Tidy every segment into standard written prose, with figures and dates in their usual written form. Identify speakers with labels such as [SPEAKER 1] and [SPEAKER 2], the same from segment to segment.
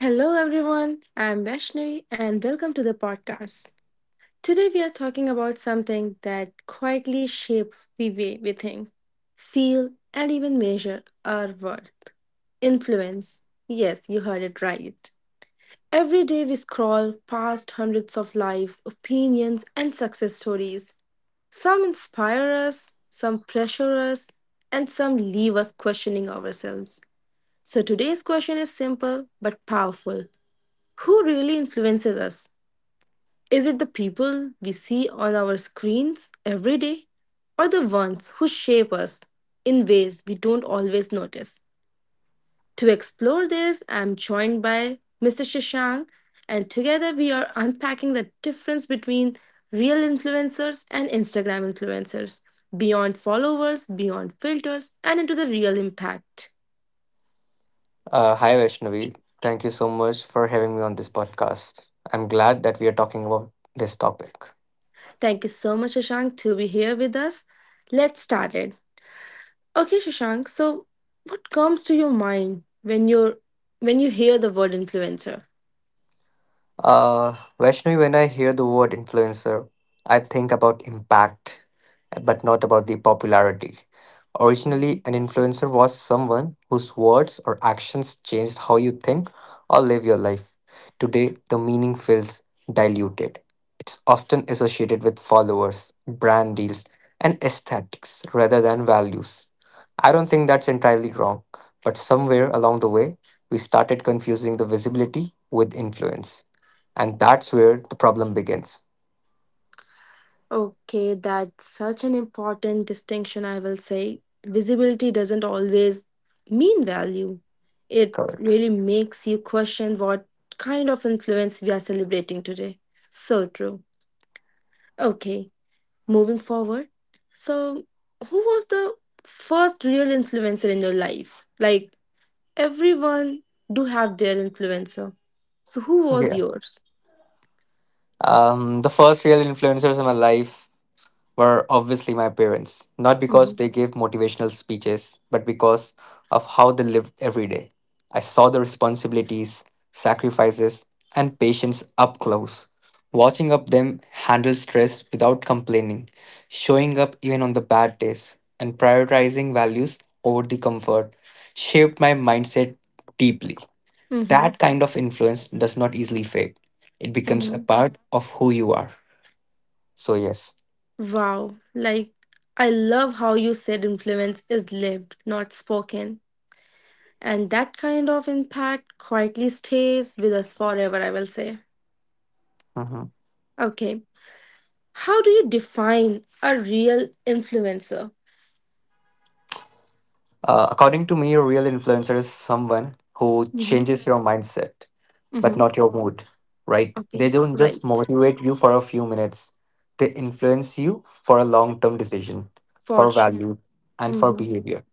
[SPEAKER 1] Hello, everyone. I'm Vaishnavi, and welcome to the podcast. Today, we are talking about something that quietly shapes the way we think, feel, and even measure our worth, influence. Yes, you heard it right. Every day, we scroll past hundreds of lives, opinions, and success stories. Some inspire us, some pressure us, and some leave us questioning ourselves. So, today's question is simple but powerful: who really influences us? Is it the people we see on our screens every day, or the ones who shape us in ways we don't always notice? To explore this, I'm joined by Mr. Shashank, and together we are unpacking the difference between real influencers and Instagram influencers, beyond followers, beyond filters, and into the real impact.
[SPEAKER 2] Hi, Vaishnavi. Thank you so much for having me on this podcast. I'm glad that we are talking about this topic.
[SPEAKER 1] Thank you so much, Shashank, to be here with us. Let's start it. Okay, Shashank. So, what comes to your mind when you hear the word influencer?
[SPEAKER 2] Vaishnavi, when I hear the word influencer, I think about impact, but not about the popularity. Originally, an influencer was someone whose words or actions changed how you think or live your life. Today, the meaning feels diluted. It's often associated with followers, brand deals, and aesthetics rather than values. I don't think that's entirely wrong, but somewhere along the way, we started confusing the visibility with influence and that's where the problem begins.
[SPEAKER 1] Okay, that's such an important distinction. I will say visibility doesn't always mean value. It
[SPEAKER 2] Correct.
[SPEAKER 1] really makes you question what kind of influence we are celebrating today. So true. Okay, moving forward. So, who was the first real influencer in your life? Like, everyone do have their influencer. So who was
[SPEAKER 2] Yeah.
[SPEAKER 1] yours?
[SPEAKER 2] The first real influencers in my life were obviously my parents, not because
[SPEAKER 1] Mhm.
[SPEAKER 2] they gave motivational speeches, but because of how they lived every day. I saw the responsibilities, sacrifices, and patience up close. Watching up them handle stress without complaining, showing up even on the bad days, and prioritizing values over the comfort shaped my mindset deeply.
[SPEAKER 1] Mm-hmm.
[SPEAKER 2] That kind of influence does not easily fade. It becomes a
[SPEAKER 1] Mhm.
[SPEAKER 2] part of who you are. So yes.
[SPEAKER 1] Wow. Like, I love how you said influence is lived, not spoken. And that kind of impact quietly stays with us forever, I will say.
[SPEAKER 2] Mhm.
[SPEAKER 1] Okay. How do you define a real influencer?
[SPEAKER 2] According to me, a real influencer is someone who
[SPEAKER 1] Mhm.
[SPEAKER 2] changes your mindset, but
[SPEAKER 1] Mm-hmm.
[SPEAKER 2] not your mood. Right? They
[SPEAKER 1] Okay.
[SPEAKER 2] don't just
[SPEAKER 1] Right.
[SPEAKER 2] motivate you for a few minutes. They influence you for a long-term decision, for
[SPEAKER 1] Fortune.
[SPEAKER 2] value, and for
[SPEAKER 1] Mm-hmm.
[SPEAKER 2] behavior.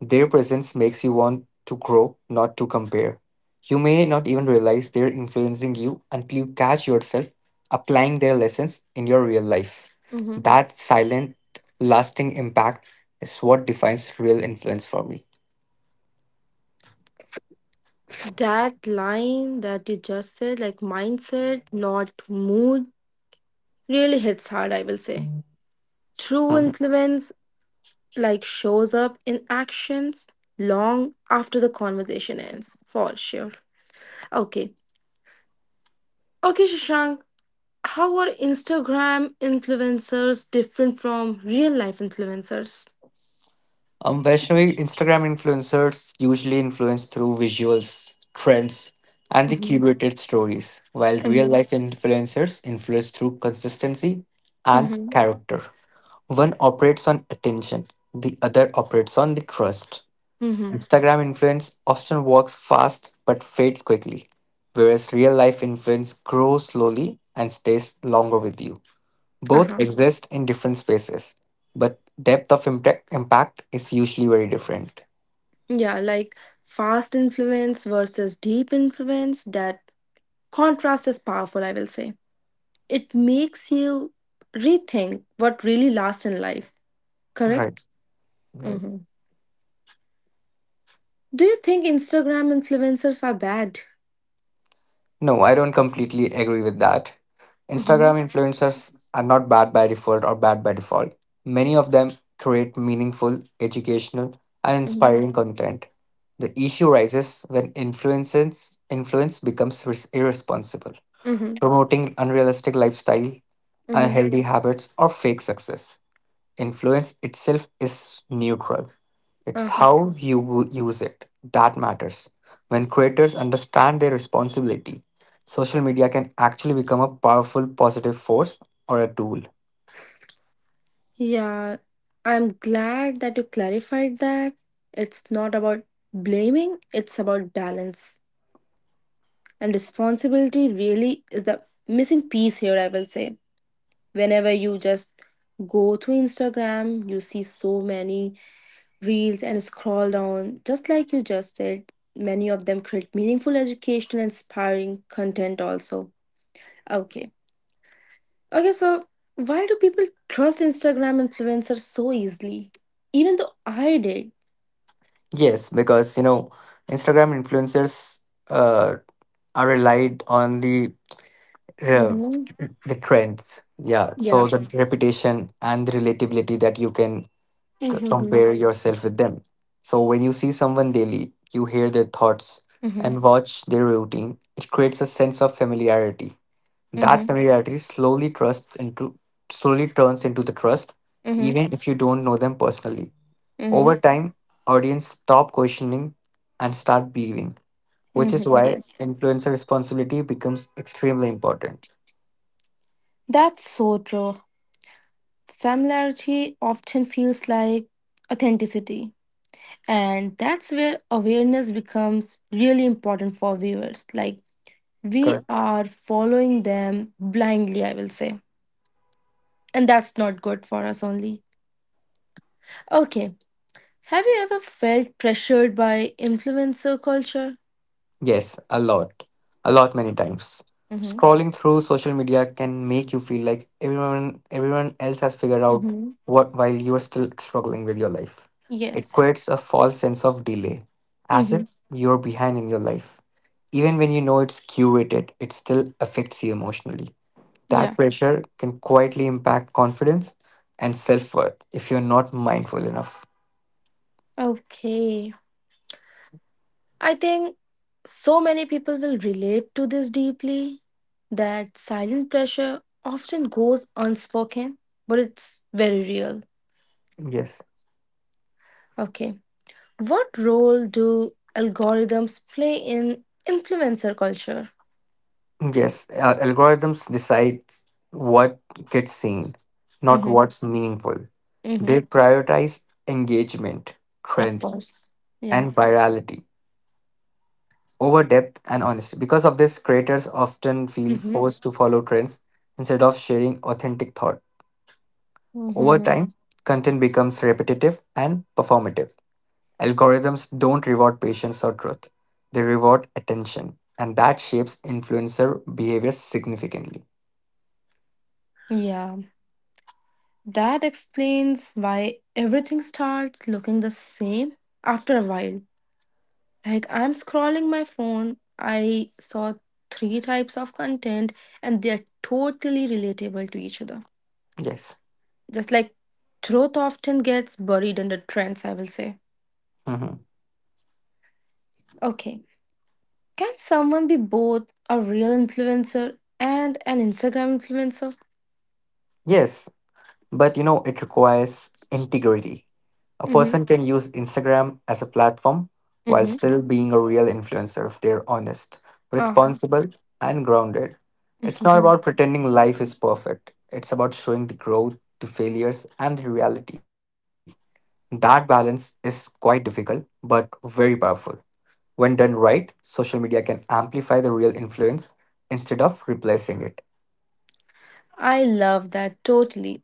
[SPEAKER 2] Their presence makes you want to grow, not to compare. You may not even realize they're influencing you until you catch yourself applying their lessons in your real life.
[SPEAKER 1] Mm-hmm.
[SPEAKER 2] That silent, lasting impact is what defines real influence for me.
[SPEAKER 1] That line that you just said, like mindset, not mood, really hits hard, I will say. True
[SPEAKER 2] Mhm.
[SPEAKER 1] influence, like, shows up in actions long after the conversation ends, for sure. Okay. Okay, Shashank, how are Instagram influencers different from real life influencers?
[SPEAKER 2] Vaishnavi, Instagram influencers usually influence through visuals, trends, and the
[SPEAKER 1] Mm-hmm.
[SPEAKER 2] curated stories, while real
[SPEAKER 1] Mm-hmm.
[SPEAKER 2] life influencers influence through consistency and
[SPEAKER 1] Mm-hmm.
[SPEAKER 2] character. One operates on attention, the other operates on the trust.
[SPEAKER 1] Mm-hmm.
[SPEAKER 2] Instagram influence often works fast but fades quickly, whereas real life influence grows slowly and stays longer with you. Both
[SPEAKER 1] Uh-huh.
[SPEAKER 2] exist in different spaces, but depth of impact is usually very different.
[SPEAKER 1] Yeah, like fast influence versus deep influence, that contrast is powerful, I will say. It makes you rethink what really lasts in life.
[SPEAKER 2] Right.
[SPEAKER 1] Correct? Hmm. Do you think Instagram influencers are bad?
[SPEAKER 2] No, I don't completely agree with that.
[SPEAKER 1] Mm-hmm.
[SPEAKER 2] Instagram influencers are not bad by default. Many of them create meaningful, educational, and
[SPEAKER 1] Mm-hmm.
[SPEAKER 2] inspiring content. The issue rises when influence becomes irresponsible,
[SPEAKER 1] Mm-hmm.
[SPEAKER 2] promoting unrealistic lifestyle,
[SPEAKER 1] Mm-hmm.
[SPEAKER 2] unhealthy habits, or fake success. Influence itself is neutral. It's
[SPEAKER 1] Uh-huh.
[SPEAKER 2] how you use it that matters. When creators understand their responsibility, social media can actually become a powerful positive force or a tool.
[SPEAKER 1] Yeah, I'm glad that you clarified that. It's not about blaming, it's about balance. And responsibility really is the missing piece here, I will say. Whenever you just go through Instagram, you see so many reels and scroll down. Just like you just said, many of them create meaningful educational, inspiring content also. Okay. Okay, so why do people trust Instagram influencers so easily? Even though I did.
[SPEAKER 2] Yes, because you know, Instagram influencers uh, are relied on uh,
[SPEAKER 1] Mm-hmm.
[SPEAKER 2] the trends. Yeah,
[SPEAKER 1] Yeah.
[SPEAKER 2] so the reputation and the relatability that you can compare
[SPEAKER 1] Mm-hmm.
[SPEAKER 2] yourself with them. So when you see someone daily, you hear their thoughts
[SPEAKER 1] Mm-hmm.
[SPEAKER 2] and watch their routine. It creates a sense of familiarity. That
[SPEAKER 1] Mm-hmm.
[SPEAKER 2] familiarity slowly trust into slowly turns into the trust, even if you don't know them personally.
[SPEAKER 1] Mm-hmm.
[SPEAKER 2] Over time, audience stop questioning and start believing, which is
[SPEAKER 1] Mm-hmm.
[SPEAKER 2] why
[SPEAKER 1] Yes.
[SPEAKER 2] influencer responsibility becomes extremely important.
[SPEAKER 1] That's so true. Familiarity often feels like authenticity. And that's where awareness becomes really important for viewers. Like, we are following them blindly, I will say. And that's not good for us only. Okay. Have you ever felt pressured by influencer culture?
[SPEAKER 2] Yes, a lot. A lot many times.
[SPEAKER 1] Mm-hmm.
[SPEAKER 2] Scrolling through social media can make you feel like everyone else has figured out
[SPEAKER 1] Mm-hmm.
[SPEAKER 2] what while you are still struggling with your life. It
[SPEAKER 1] Yes.
[SPEAKER 2] creates a false sense of delay, as
[SPEAKER 1] Mm-hmm.
[SPEAKER 2] if you're behind in your life. Even when you know it's curated, it still affects you emotionally. That
[SPEAKER 1] Yeah.
[SPEAKER 2] pressure can quietly impact confidence and self-worth if you're not mindful enough.
[SPEAKER 1] Okay. I think so many people will relate to this deeply, that silent pressure often goes unspoken, but it's very real.
[SPEAKER 2] Yes.
[SPEAKER 1] Okay. What role do algorithms play in influencer culture?
[SPEAKER 2] Yes, algorithms decide what gets seen, not
[SPEAKER 1] Mm-hmm.
[SPEAKER 2] what's meaningful.
[SPEAKER 1] Mm-hmm.
[SPEAKER 2] They prioritize engagement,
[SPEAKER 1] Of
[SPEAKER 2] trends,
[SPEAKER 1] course. Yeah.
[SPEAKER 2] and virality over depth and honesty. Because of this, creators often feel
[SPEAKER 1] Mm-hmm.
[SPEAKER 2] forced to follow trends instead of sharing authentic thought. Over
[SPEAKER 1] Mm-hmm.
[SPEAKER 2] time, content becomes repetitive and performative. Algorithms don't reward patience or truth, they reward attention, and that shapes influencer behavior significantly.
[SPEAKER 1] Yeah. That explains why everything starts looking the same after a while. Like, I'm scrolling my phone, I saw three types of content and they're totally relatable to each other.
[SPEAKER 2] Yes.
[SPEAKER 1] Just like, truth often gets buried under trends, I will say.
[SPEAKER 2] Mhm.
[SPEAKER 1] Okay. Can someone be both a real influencer and an Instagram influencer?
[SPEAKER 2] Yes, but you know, it requires integrity. A
[SPEAKER 1] Mm-hmm.
[SPEAKER 2] person can use Instagram as a platform while
[SPEAKER 1] Mm-hmm.
[SPEAKER 2] still being a real influencer if they're honest,
[SPEAKER 1] Oh.
[SPEAKER 2] responsible, and grounded. It's not
[SPEAKER 1] Mhm.
[SPEAKER 2] about pretending life is perfect, it's about showing the growth, the failures, and the reality. That balance is quite difficult, but very powerful. When done right, social media can amplify the real influence instead of replacing it.
[SPEAKER 1] I love that totally.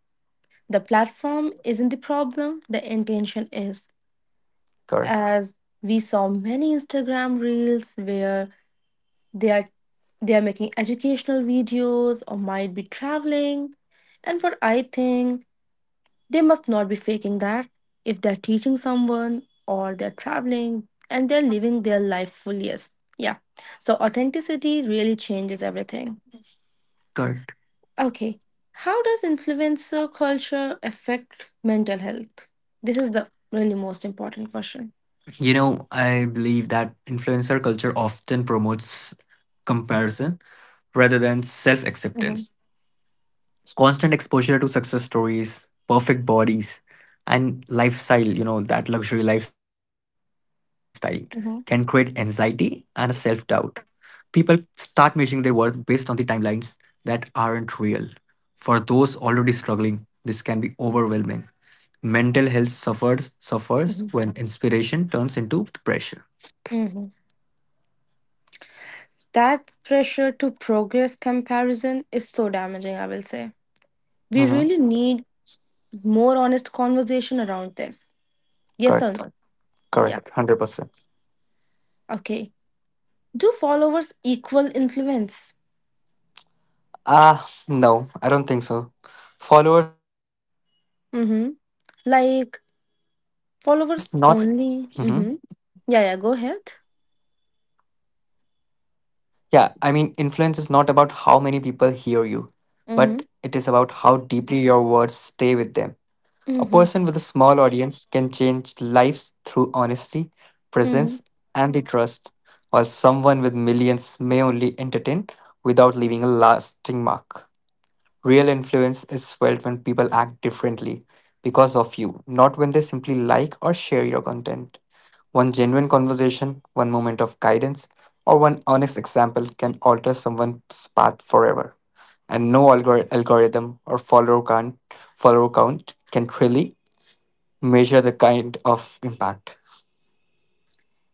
[SPEAKER 1] The platform isn't the problem, the intention is.
[SPEAKER 2] Correct.
[SPEAKER 1] As we saw many Instagram reels where they are they are making educational videos or might be traveling. And for, I think, they must not be faking that. If they're teaching someone or they're traveling and they're living their life fullest. Yeah. So authenticity really changes everything.
[SPEAKER 2] Correct.
[SPEAKER 1] Okay. How does influencer culture affect mental health? This is the really most important question.
[SPEAKER 2] You know, I believe that influencer culture often promotes comparison rather than self
[SPEAKER 1] Mhm.
[SPEAKER 2] acceptance. Constant exposure to success stories, perfect bodies, and lifestyle, you know, that luxury lifestyle can create anxiety
[SPEAKER 1] Mhm.
[SPEAKER 2] and a self doubt. People start measuring their worth based on the timelines that aren't real. For those already struggling, this can be overwhelming. Mental health suffers
[SPEAKER 1] Mhm.
[SPEAKER 2] when inspiration turns into pressure.
[SPEAKER 1] Mhm. That pressure to progress comparison is so damaging, I will say. We
[SPEAKER 2] Mm-hmm.
[SPEAKER 1] really need more honest conversation around this. Yes or
[SPEAKER 2] Correct.
[SPEAKER 1] no? Yeah.
[SPEAKER 2] Correct. 100%.
[SPEAKER 1] Okay. Do followers equal influence?
[SPEAKER 2] Ah, no, I don't think so. Followers only represent reach,
[SPEAKER 1] Mm-hmm.
[SPEAKER 2] not
[SPEAKER 1] Like,
[SPEAKER 2] depth. Influence is
[SPEAKER 1] followers
[SPEAKER 2] not.
[SPEAKER 1] only.
[SPEAKER 2] Hmm.
[SPEAKER 1] Mm-hmm. Yeah, yeah, go ahead.
[SPEAKER 2] Yeah, I mean, influence is not about how many people hear you,
[SPEAKER 1] Mm-hmm.
[SPEAKER 2] but it is about how deeply your words stay with them. A
[SPEAKER 1] Mm-hmm.
[SPEAKER 2] person with a small audience can change lives through honesty,
[SPEAKER 1] Mm-hmm.
[SPEAKER 2] presence, and the trust, while someone with millions may only entertain without leaving a lasting mark. Real influence is felt when people act differently because of you, not when they simply like or share your content. One genuine conversation, one moment of guidance, or one honest example can alter someone's path forever. And no algorithm or follower count can really measure the kind of impact.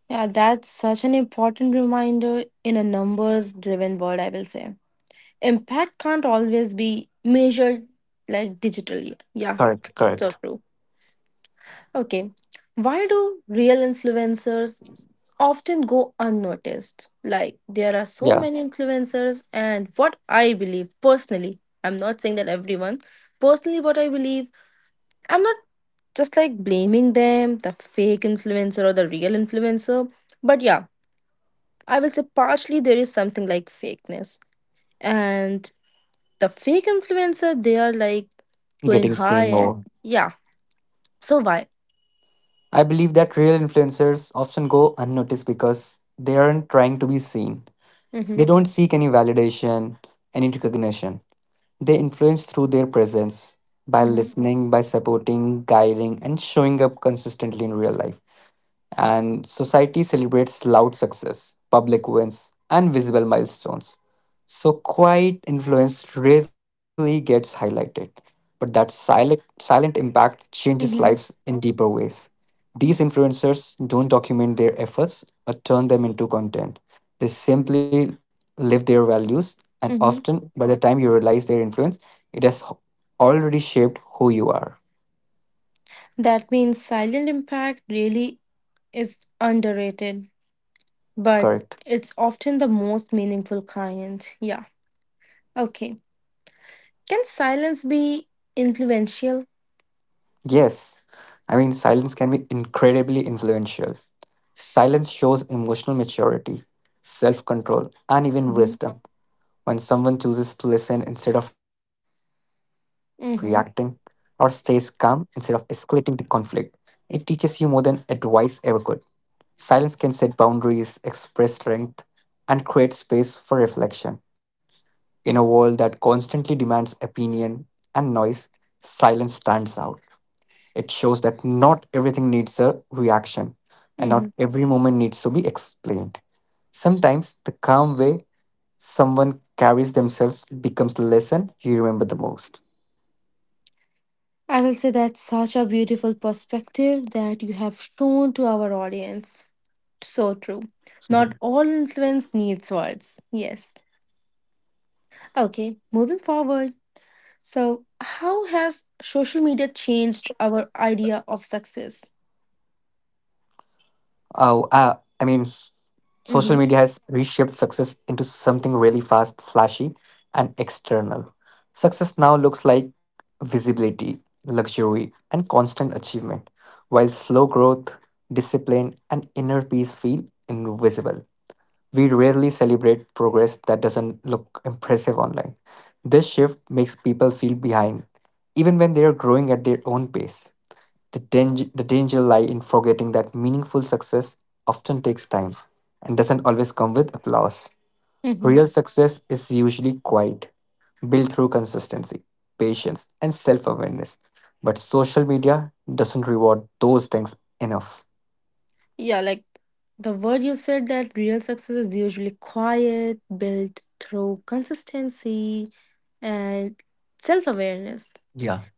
[SPEAKER 1] Yeah, that's such an important reminder in a numbers driven world, I will say. Impact can't always be measured, like, digitally. Yeah,
[SPEAKER 2] Correct,
[SPEAKER 1] so
[SPEAKER 2] correct.
[SPEAKER 1] true. Okay, why do real influencers often go unnoticed? Like, there are so
[SPEAKER 2] Yeah,
[SPEAKER 1] many influencers, and what I believe personally, I'm not saying that everyone, personally, what I believe, I'm not just like blaming them, the fake influencer or the real influencer, but yeah, I will say partially there is something like fakeness. And the fake influencer, they are like going
[SPEAKER 2] getting
[SPEAKER 1] high
[SPEAKER 2] seen
[SPEAKER 1] and
[SPEAKER 2] more.
[SPEAKER 1] yeah. So why?
[SPEAKER 2] I believe that real influencers often go unnoticed because they aren't trying to be seen.
[SPEAKER 1] Mm-hmm.
[SPEAKER 2] They don't seek any validation, any recognition. They influence through their presence by
[SPEAKER 1] Mm-hmm.
[SPEAKER 2] listening, by supporting, guiding, and showing up consistently in real life, and society celebrates loud success, public wins, and visible milestones. So quiet influence rarely gets highlighted, but that silent impact changes lives
[SPEAKER 1] Mm-hmm.
[SPEAKER 2] in deeper ways. These influencers don't document their efforts or turn them into content. They simply live their values, and
[SPEAKER 1] Mm-hmm.
[SPEAKER 2] often by the time you realize their influence, it has already shaped who you are.
[SPEAKER 1] That means silent impact really is underrated, but
[SPEAKER 2] Correct.
[SPEAKER 1] it's often the most meaningful kind. Yeah. Okay. Can silence be influential?
[SPEAKER 2] Yes, I mean, silence can be incredibly influential. Silence shows emotional maturity, self control, and even
[SPEAKER 1] Mm-hmm.
[SPEAKER 2] wisdom. When someone chooses to listen instead of reacting, or stays
[SPEAKER 1] Mm-hmm.
[SPEAKER 2] calm instead of escalating the conflict, it teaches you more than advice ever could. Silence can set boundaries, express strength, and create space for reflection. In a world that constantly demands opinion and noise, silence stands out. It shows that not everything needs a reaction and
[SPEAKER 1] Mm-hmm.
[SPEAKER 2] not every moment needs to be explained. Sometimes the calm way someone carries themselves becomes the lesson you remember the most.
[SPEAKER 1] I will say, that's such a beautiful perspective that you have shown to our audience. So true.
[SPEAKER 2] Mhm.
[SPEAKER 1] Not all influence needs words. Yes. Okay, moving forward. So, how has social media changed our idea of success?
[SPEAKER 2] Oh, I mean, social media
[SPEAKER 1] Mm-hmm.
[SPEAKER 2] has reshaped success into something really fast, flashy, and external. Success now looks like visibility, luxury, and constant achievement, while slow growth, discipline, and inner peace feel invisible. We rarely celebrate progress that doesn't look impressive online. This shift makes people feel behind, even when they are growing at their own pace. The danger lie in forgetting that meaningful success often takes time and doesn't always come with applause.
[SPEAKER 1] Mm-hmm.
[SPEAKER 2] Real success is usually quiet, built through consistency, patience, and self awareness. But social media doesn't reward those things enough.
[SPEAKER 1] Yeah, like the word you said, that real success is usually quiet, built through consistency and self awareness.
[SPEAKER 2] Yeah,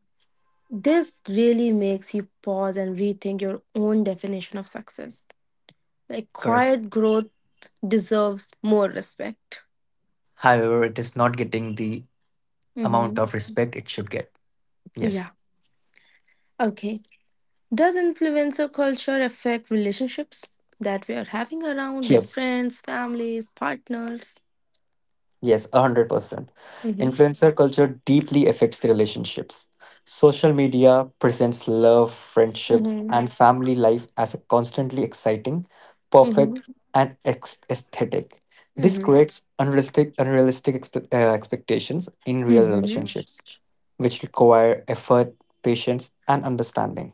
[SPEAKER 1] This really makes you pause and rethink your own definition of success. Like,
[SPEAKER 2] correct.
[SPEAKER 1] quiet growth deserves more respect.
[SPEAKER 2] However, it is not getting the amount
[SPEAKER 1] Hmm.
[SPEAKER 2] of respect it should get. Yes.
[SPEAKER 1] Yeah. Okay. Does influencer culture affect relationships that we are having
[SPEAKER 2] Yes,
[SPEAKER 1] around with friends, families, partners?
[SPEAKER 2] yes, 100%.
[SPEAKER 1] Mm-hmm.
[SPEAKER 2] Influencer culture deeply affects the relationships. Social media presents love, friendships,
[SPEAKER 1] Mm-hmm.
[SPEAKER 2] and family life as a constantly exciting, perfect,
[SPEAKER 1] Mm-hmm.
[SPEAKER 2] and aesthetic. This
[SPEAKER 1] Mm-hmm.
[SPEAKER 2] creates unrealistic expectations in real
[SPEAKER 1] Mm-hmm.
[SPEAKER 2] relationships, which require effort, patience, and understanding.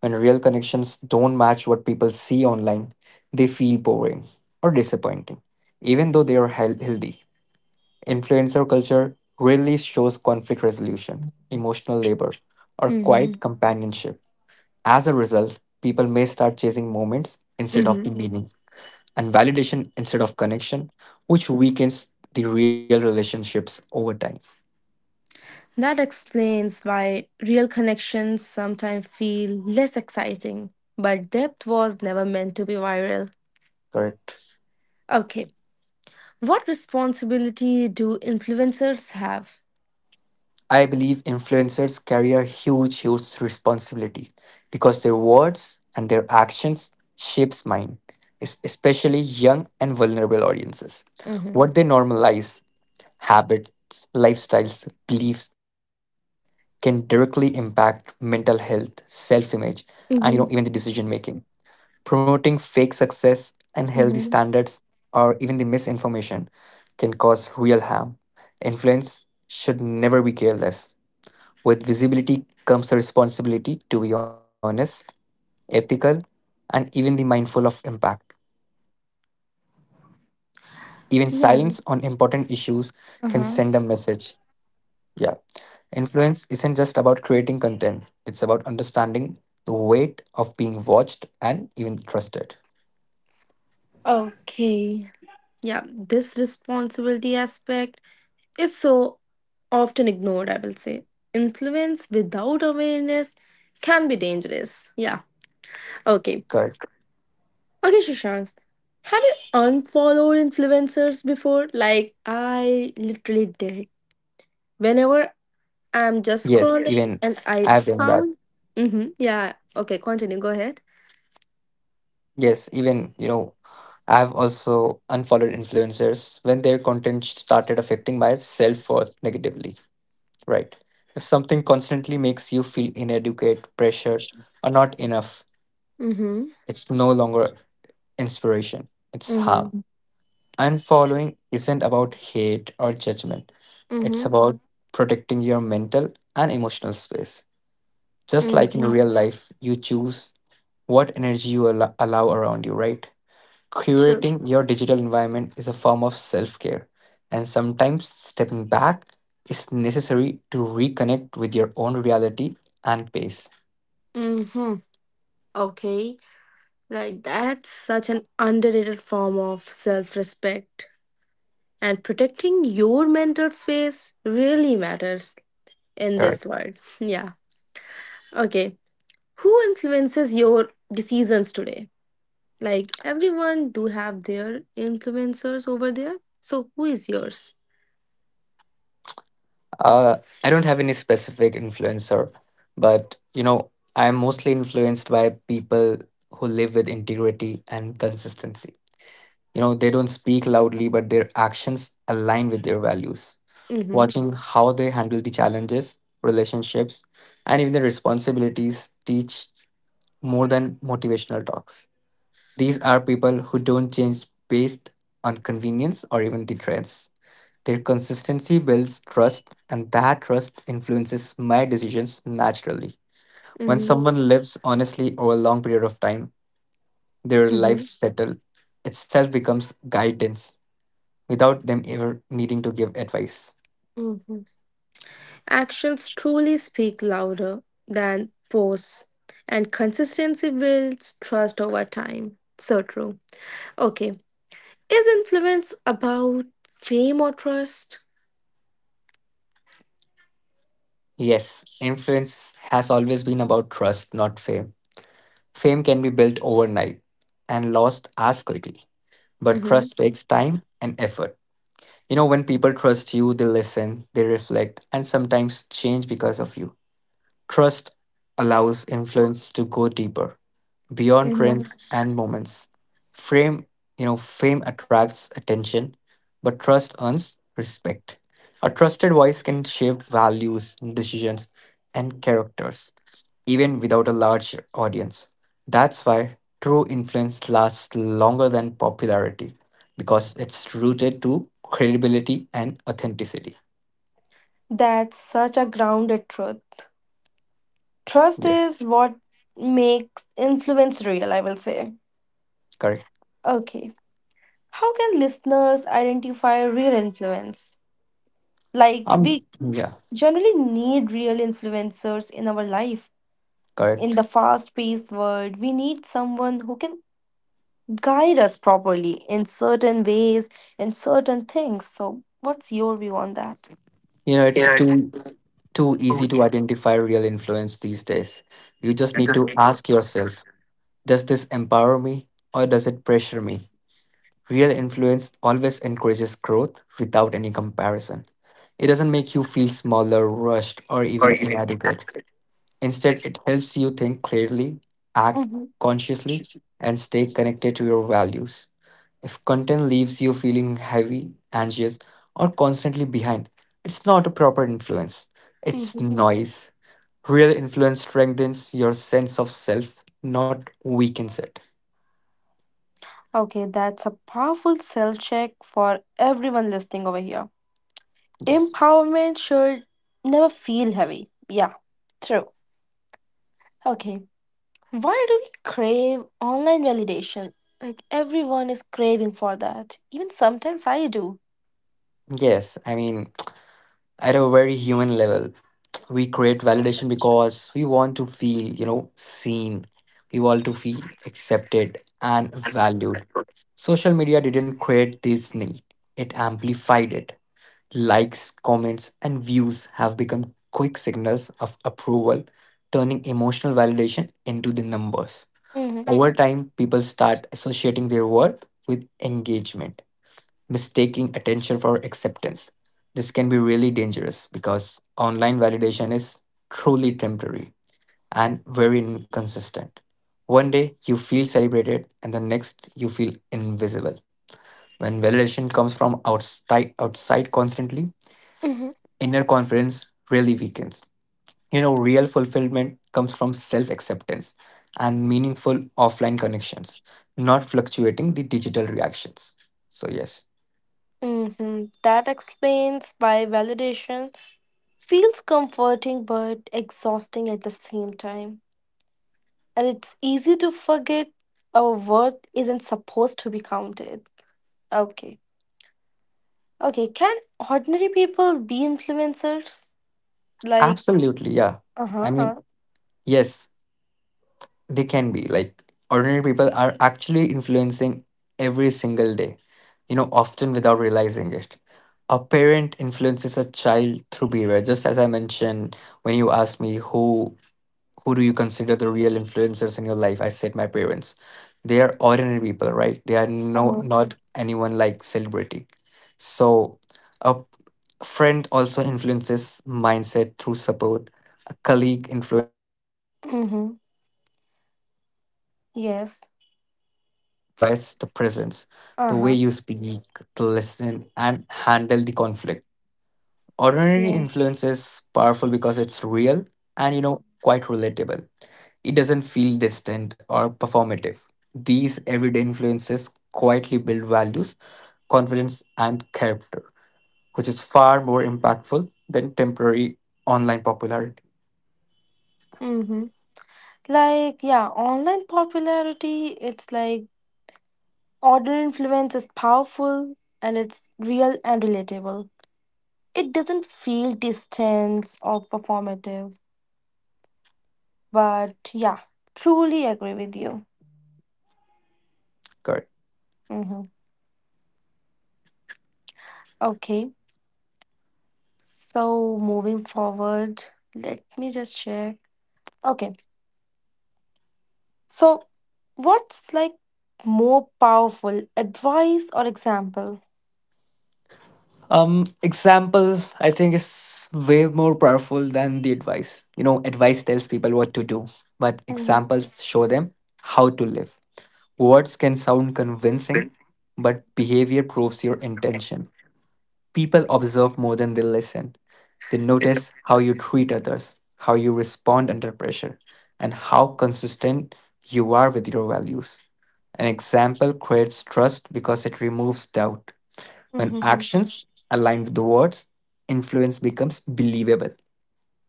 [SPEAKER 2] When real connections don't match what people see online, they feel boring or disappointing, even though they are healthy. Influencer culture rarely shows conflict resolution, emotional labor, or
[SPEAKER 1] Mm-hmm.
[SPEAKER 2] quiet companionship. As a result, people may start chasing moments instead of the
[SPEAKER 1] Mm-hmm.
[SPEAKER 2] meaning and validation instead of connection, which weakens the real relationships over time.
[SPEAKER 1] That explains why real connections sometimes feel less exciting, but depth was never meant to be viral.
[SPEAKER 2] Correct.
[SPEAKER 1] Okay. What responsibility do influencers have?
[SPEAKER 2] I believe influencers carry a huge responsibility because their words and their actions shapes mind, especially young and vulnerable audiences.
[SPEAKER 1] Mm-hmm.
[SPEAKER 2] What they normalize, habits, lifestyles, beliefs can directly impact mental health, self-image, and you know even the
[SPEAKER 1] Mm-hmm.
[SPEAKER 2] decision making. Promoting fake success, unhealthy
[SPEAKER 1] Mm-hmm.
[SPEAKER 2] standards, or even the misinformation can cause real harm. Influence should never be careless with visibility comes a responsibility to be honest, ethical, and even the mindful of impact. Even silence on important issues
[SPEAKER 1] Yeah.
[SPEAKER 2] can send a message.
[SPEAKER 1] Uh-huh.
[SPEAKER 2] Yeah. Influence isn't just about creating content, it's about understanding the weight of being watched and even trusted.
[SPEAKER 1] Okay. Yeah. This responsibility aspect is so often ignored, I will say. Influence without awareness can be dangerous. Yeah. Okay.
[SPEAKER 2] Correct.
[SPEAKER 1] Okay, Shashank. Have you unfollowed influencers before? Like, I literally did.
[SPEAKER 2] Yes,
[SPEAKER 1] Whenever
[SPEAKER 2] even I've
[SPEAKER 1] I'm
[SPEAKER 2] done
[SPEAKER 1] just
[SPEAKER 2] that.
[SPEAKER 1] scrolling. Yes. And I found. Mm-hmm. Yeah. Okay. Continue. Go ahead.
[SPEAKER 2] Yes, even, you know, I've also unfollowed influencers when their content started affecting my self worth negatively. Right. If something constantly makes you feel inadequate, pressured, or not enough,
[SPEAKER 1] Mm-hmm.
[SPEAKER 2] it's no longer inspiration, it's harm.
[SPEAKER 1] Mm-hmm.
[SPEAKER 2] Unfollowing isn't about hate or judgment, it's
[SPEAKER 1] Mm-hmm.
[SPEAKER 2] about protecting your mental and emotional space. Just like in
[SPEAKER 1] Mm-hmm.
[SPEAKER 2] real life, you choose what energy you allow around you, right?
[SPEAKER 1] True.
[SPEAKER 2] Curating your digital environment is a form of self care, and sometimes stepping back is necessary to reconnect with your own reality and pace.
[SPEAKER 1] Mm-hmm. Okay. Like, that's such an underrated form of self-respect. And protecting your mental space really matters in this
[SPEAKER 2] Correct.
[SPEAKER 1] world. Yeah. Okay. Who influences your decisions today? Like, everyone do have their influencers over there. So who is yours?
[SPEAKER 2] Uh, I don't have any specific influencer, but you know, I'm mostly influenced by people who live with integrity and consistency. You know, they don't speak loudly, but their actions align with their values.
[SPEAKER 1] Mm-hmm.
[SPEAKER 2] Watching how they handle the challenges, relationships, and even the responsibilities teach more than motivational talks. These are people who don't change based on convenience or even the trends. Their consistency builds trust, and that trust influences my decisions naturally. When
[SPEAKER 1] Mhm,
[SPEAKER 2] someone lives honestly over a long period of time, their life
[SPEAKER 1] mhm,
[SPEAKER 2] settle itself becomes guidance without them ever needing to give advice.
[SPEAKER 1] mhm. Actions truly speak louder than posts, and consistency builds trust over time. So true. Okay, is influence about fame or trust?
[SPEAKER 2] Yes, influence has always been about trust, not fame. Fame can be built overnight and lost as quickly, but
[SPEAKER 1] Mm-hmm.
[SPEAKER 2] trust takes time and effort. You know, when people trust you, they listen, they reflect, and sometimes change because of you. Trust allows influence to go deeper beyond
[SPEAKER 1] Yeah.
[SPEAKER 2] trends and moments. Frame, you know, fame attracts attention, but trust earns respect. A trusted voice can shape values, decisions, and characters, even without a large audience. That's why true influence lasts longer than popularity, because it's rooted to credibility and authenticity.
[SPEAKER 1] That's such a grounded truth. Trust
[SPEAKER 2] Yes,
[SPEAKER 1] is what makes influence real, I will say.
[SPEAKER 2] correct.
[SPEAKER 1] Okay, how can listeners identify real influence? Like,
[SPEAKER 2] Um,
[SPEAKER 1] we
[SPEAKER 2] yeah,
[SPEAKER 1] generally need real influencers in our life. In
[SPEAKER 2] correct.
[SPEAKER 1] the fast paced world, we need someone who can guide us properly in certain ways, in certain things. So, what's your view on that?
[SPEAKER 2] You know, it's too easy to identify real influence these days. You just need to ask yourself, does this empower me or does it pressure me? Real influence always encourages growth without any comparison. It doesn't make you feel smaller, rushed, or even inadequate. Instead, it helps you think clearly, act
[SPEAKER 1] Hmm.
[SPEAKER 2] consciously, and stay connected to your values. If content leaves you feeling heavy, anxious, or constantly behind, it's not a proper influence. It's
[SPEAKER 1] Hmm.
[SPEAKER 2] noise. Real influence strengthens your sense of self, not weakens it.
[SPEAKER 1] Okay, that's a powerful self check for everyone listening over here.
[SPEAKER 2] Yes.
[SPEAKER 1] Empowerment should never feel heavy. Yeah, true. Okay, why do we crave online validation? Like, everyone is craving for that. Even sometimes I do.
[SPEAKER 2] Yes, I mean, at a very human level, we create validation because we want to feel, seen. We want to feel accepted and valued. Social media didn't create this need, it amplified it. Likes, comments, and views have become quick signals of approval, turning emotional validation into the numbers.
[SPEAKER 1] Hmm.
[SPEAKER 2] Over time, people start associating their worth with engagement, mistaking attention for acceptance. This can be really dangerous because online validation is truly temporary and very inconsistent. One day you feel celebrated, and the next you feel invisible. When validation comes from outside, outside constantly,
[SPEAKER 1] Hmm.
[SPEAKER 2] inner confidence really weakens. You know, real fulfillment comes from self acceptance and meaningful offline connections, not fluctuating the digital reactions. So, yes,
[SPEAKER 1] Hmm. That explains why validation feels comforting but exhausting at the same time. And it's easy to forget our worth isn't supposed to be counted. Okay. Okay. Can ordinary people be influencers? Like,
[SPEAKER 2] absolutely. Yeah.
[SPEAKER 1] uh
[SPEAKER 2] I
[SPEAKER 1] huh.
[SPEAKER 2] mean, yes, they can be like ordinary people are actually influencing every single day, often without realizing it. A parent influences a child through behavior, just as I mentioned when you asked me who do you consider the real influencers in your life, I said my parents. They are ordinary people, right? They are
[SPEAKER 1] Uh huh.
[SPEAKER 2] not anyone like celebrity. So a friend also influences mindset through support, a colleague influence work ethics
[SPEAKER 1] Mm-hmm.
[SPEAKER 2] through consistency. So influence doesn't
[SPEAKER 1] Yes.
[SPEAKER 2] require a platform, it requires the presence,
[SPEAKER 1] Uh
[SPEAKER 2] the way
[SPEAKER 1] huh.
[SPEAKER 2] you speak, the listen, and handle the conflict. Ordinary
[SPEAKER 1] Yeah.
[SPEAKER 2] influence is powerful because it's real, and quite relatable. It doesn't feel distant or performative. These everyday influences quietly build values, confidence, and character, which is far more impactful than temporary online popularity.
[SPEAKER 1] Mm-hmm. Like, yeah, online popularity, it's like, order influence is powerful and it's real and relatable. It doesn't feel distant or performative, but yeah, truly agree with you.
[SPEAKER 2] Correct.
[SPEAKER 1] Hmm. Okay, so moving forward, let me just check. Okay, so what's, like, more powerful, advice or example?
[SPEAKER 2] Example, I think, is way more powerful than the advice. You know, advice tells people what to do, but
[SPEAKER 1] Mm-hmm.
[SPEAKER 2] examples show them how to live. Words can sound convincing, but behavior proves your intention. People observe more than they listen. They notice how you treat others, how you respond under pressure, and how consistent you are with your values. An example creates trust because it removes doubt. When
[SPEAKER 1] Mm-hmm.
[SPEAKER 2] actions align with the words, influence becomes believable.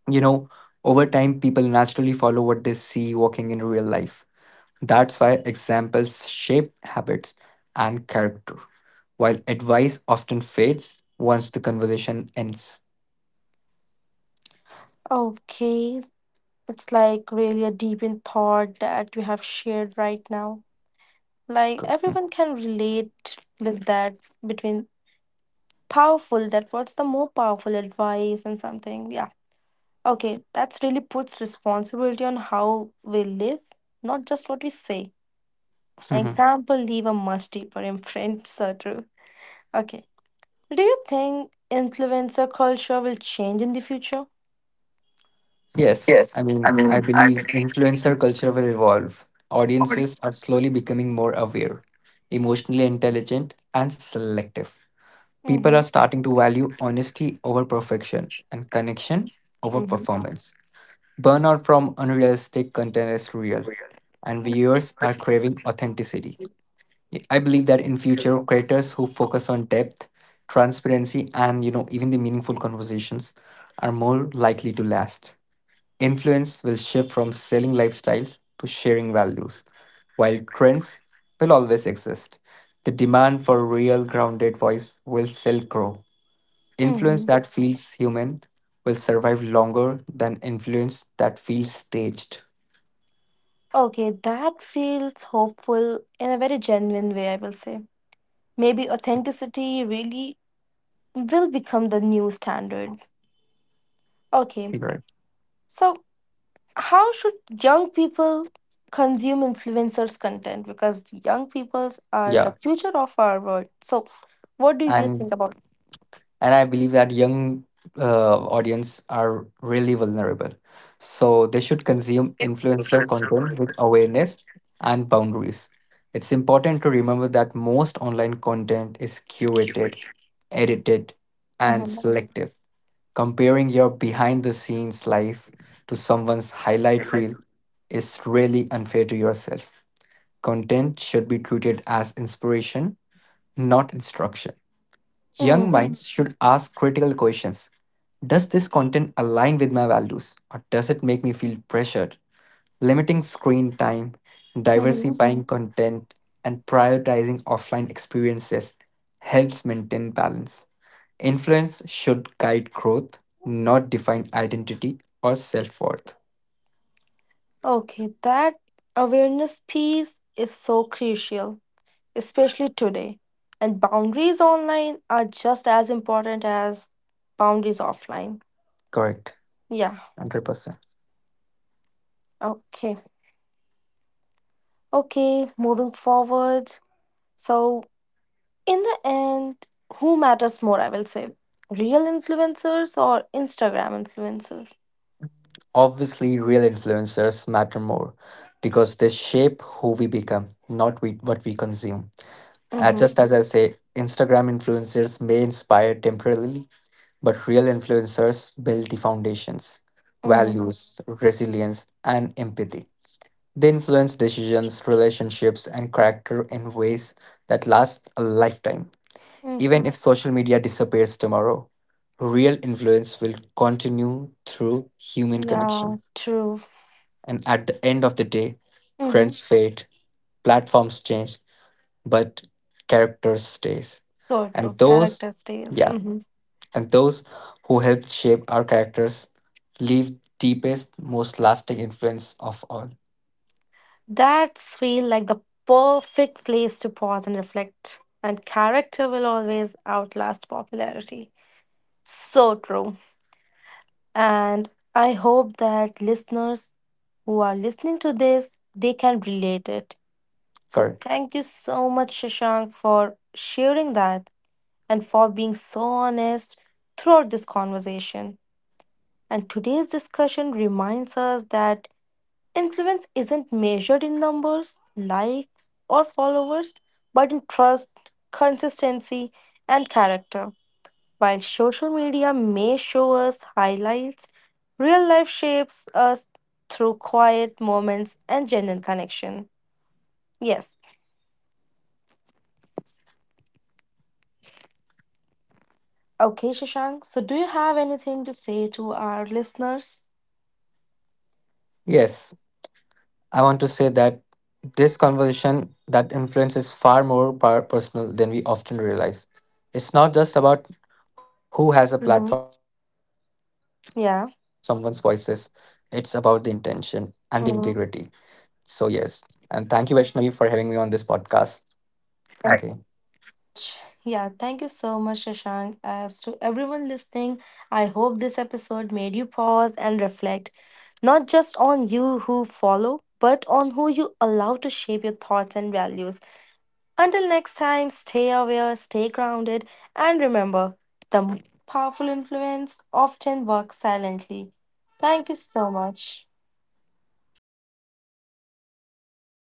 [SPEAKER 2] You know, over time, people naturally follow what they see walking in real life. That's why examples shape habits and character, while advice often fades once the conversation ends.
[SPEAKER 1] Okay, it's like really a deep in thought that we have shared right now.
[SPEAKER 2] Co-
[SPEAKER 1] Like, everyone can relate with that, between powerful, that what's the more powerful advice and something. Yeah. Okay, that's really puts responsibility on how we live, not just what we say. Example leave a much deeper imprint, so true. Okay. Do you think influencer culture will change in the future?
[SPEAKER 2] yes, I mean, I believe influencer culture will evolve. Audiences are slowly becoming more aware, emotionally intelligent, and selective. People are
[SPEAKER 1] Mm-hmm.
[SPEAKER 2] starting to value honesty over perfection and connection over
[SPEAKER 1] Mm-hmm.
[SPEAKER 2] performance. Burnout from unrealistic content is real, and viewers are craving authenticity. I believe that in future, creators who focus on depth, transparency, and even the meaningful conversations are more likely to last. Influence will shift from selling lifestyles to sharing values, while trends will always exist. The demand for real, grounded voice will still grow. Influence
[SPEAKER 1] Mm-hmm.
[SPEAKER 2] that feels human will survive longer than influence that feels staged.
[SPEAKER 1] Okay, that feels hopeful in a very genuine way, I will say. Maybe authenticity really will become the new standard. Okay,
[SPEAKER 2] Right.
[SPEAKER 1] so how should young people consume influencers' content? Because young peoples
[SPEAKER 2] Yeah,
[SPEAKER 1] are the future of our world. So, what do you
[SPEAKER 2] and
[SPEAKER 1] think about?
[SPEAKER 2] and I believe that young audience are really vulnerable, so they should consume influencer content with awareness and boundaries. It's important to remember that most online content is curated, edited, and
[SPEAKER 1] Mm-hmm.
[SPEAKER 2] selective. Comparing your behind the scenes life to someone's highlight reel is really unfair to yourself. Content should be treated as inspiration, not instruction. Young
[SPEAKER 1] Mm-hmm.
[SPEAKER 2] minds should ask critical questions. Does this content align with my values or does it make me feel pressured? Limiting screen time,
[SPEAKER 1] Mm-hmm.
[SPEAKER 2] diversifying content, and prioritizing offline experiences helps maintain balance. Influence should guide growth, not define identity or self worth.
[SPEAKER 1] Okay, that awareness piece is so crucial, especially today. And boundaries online are just as important as boundaries offline.
[SPEAKER 2] Correct,
[SPEAKER 1] Yeah.
[SPEAKER 2] 100%.
[SPEAKER 1] Okay. Okay, moving forward. So, in the end, who matters more, I will say? Real influencers or Instagram influencers?
[SPEAKER 2] Obviously, real influencers matter more because they shape who we become, not we, what we consume.
[SPEAKER 1] Mm-hmm.
[SPEAKER 2] Just as I say, Instagram influencers may inspire temporarily, but real influencers build the foundations,
[SPEAKER 1] Mm-hmm.
[SPEAKER 2] values, resilience, and empathy. They influence decisions, relationships, and character in ways that last a lifetime. Even if
[SPEAKER 1] Mm-hmm.
[SPEAKER 2] social media disappears tomorrow, real influence will continue through human
[SPEAKER 1] Yeah,
[SPEAKER 2] connection.
[SPEAKER 1] true.
[SPEAKER 2] And at the end of the day,
[SPEAKER 1] Mm-hmm.
[SPEAKER 2] trends fade, platforms change, but character stays.
[SPEAKER 1] So
[SPEAKER 2] And
[SPEAKER 1] true.
[SPEAKER 2] those,
[SPEAKER 1] Character stays.
[SPEAKER 2] yeah,
[SPEAKER 1] Mm-hmm.
[SPEAKER 2] and those who helped shape our characters leave deepest, most lasting influence of all.
[SPEAKER 1] That's feel like the perfect place to pause and reflect. And character will always outlast popularity. So true. And I hope that listeners who are listening to this, they can relate it. So
[SPEAKER 2] Correct.
[SPEAKER 1] thank you so much, Shashank, for sharing that and for being so honest throughout this conversation. And today's discussion reminds us that influence isn't measured in numbers, likes, or followers, but in trust, consistency, and character. While social media may show us highlights, real life shapes us through quiet moments and genuine connection. Yes. Okay, Shashank. So, do you have anything to say to our listeners?
[SPEAKER 2] Yes, I want to say that this conversation that influence is far more personal than we often realize. It's not just about who has a platform or
[SPEAKER 1] Mm-hmm.
[SPEAKER 2] how loud someone's voice is.
[SPEAKER 1] Yeah.
[SPEAKER 2] It's about the intention and the integrity. So
[SPEAKER 1] Mm-hmm.
[SPEAKER 2] yes, and thank you Vaishnavi for having me on this podcast again.
[SPEAKER 1] Yeah, thank you so much, Shashank. As to everyone listening, I hope this episode made you pause and reflect, not just on you who follow, but on who you allow to shape your thoughts and values. Until next time, stay aware, stay grounded, and remember the most powerful influence often works silently. Thank you so much. Bye, Weber.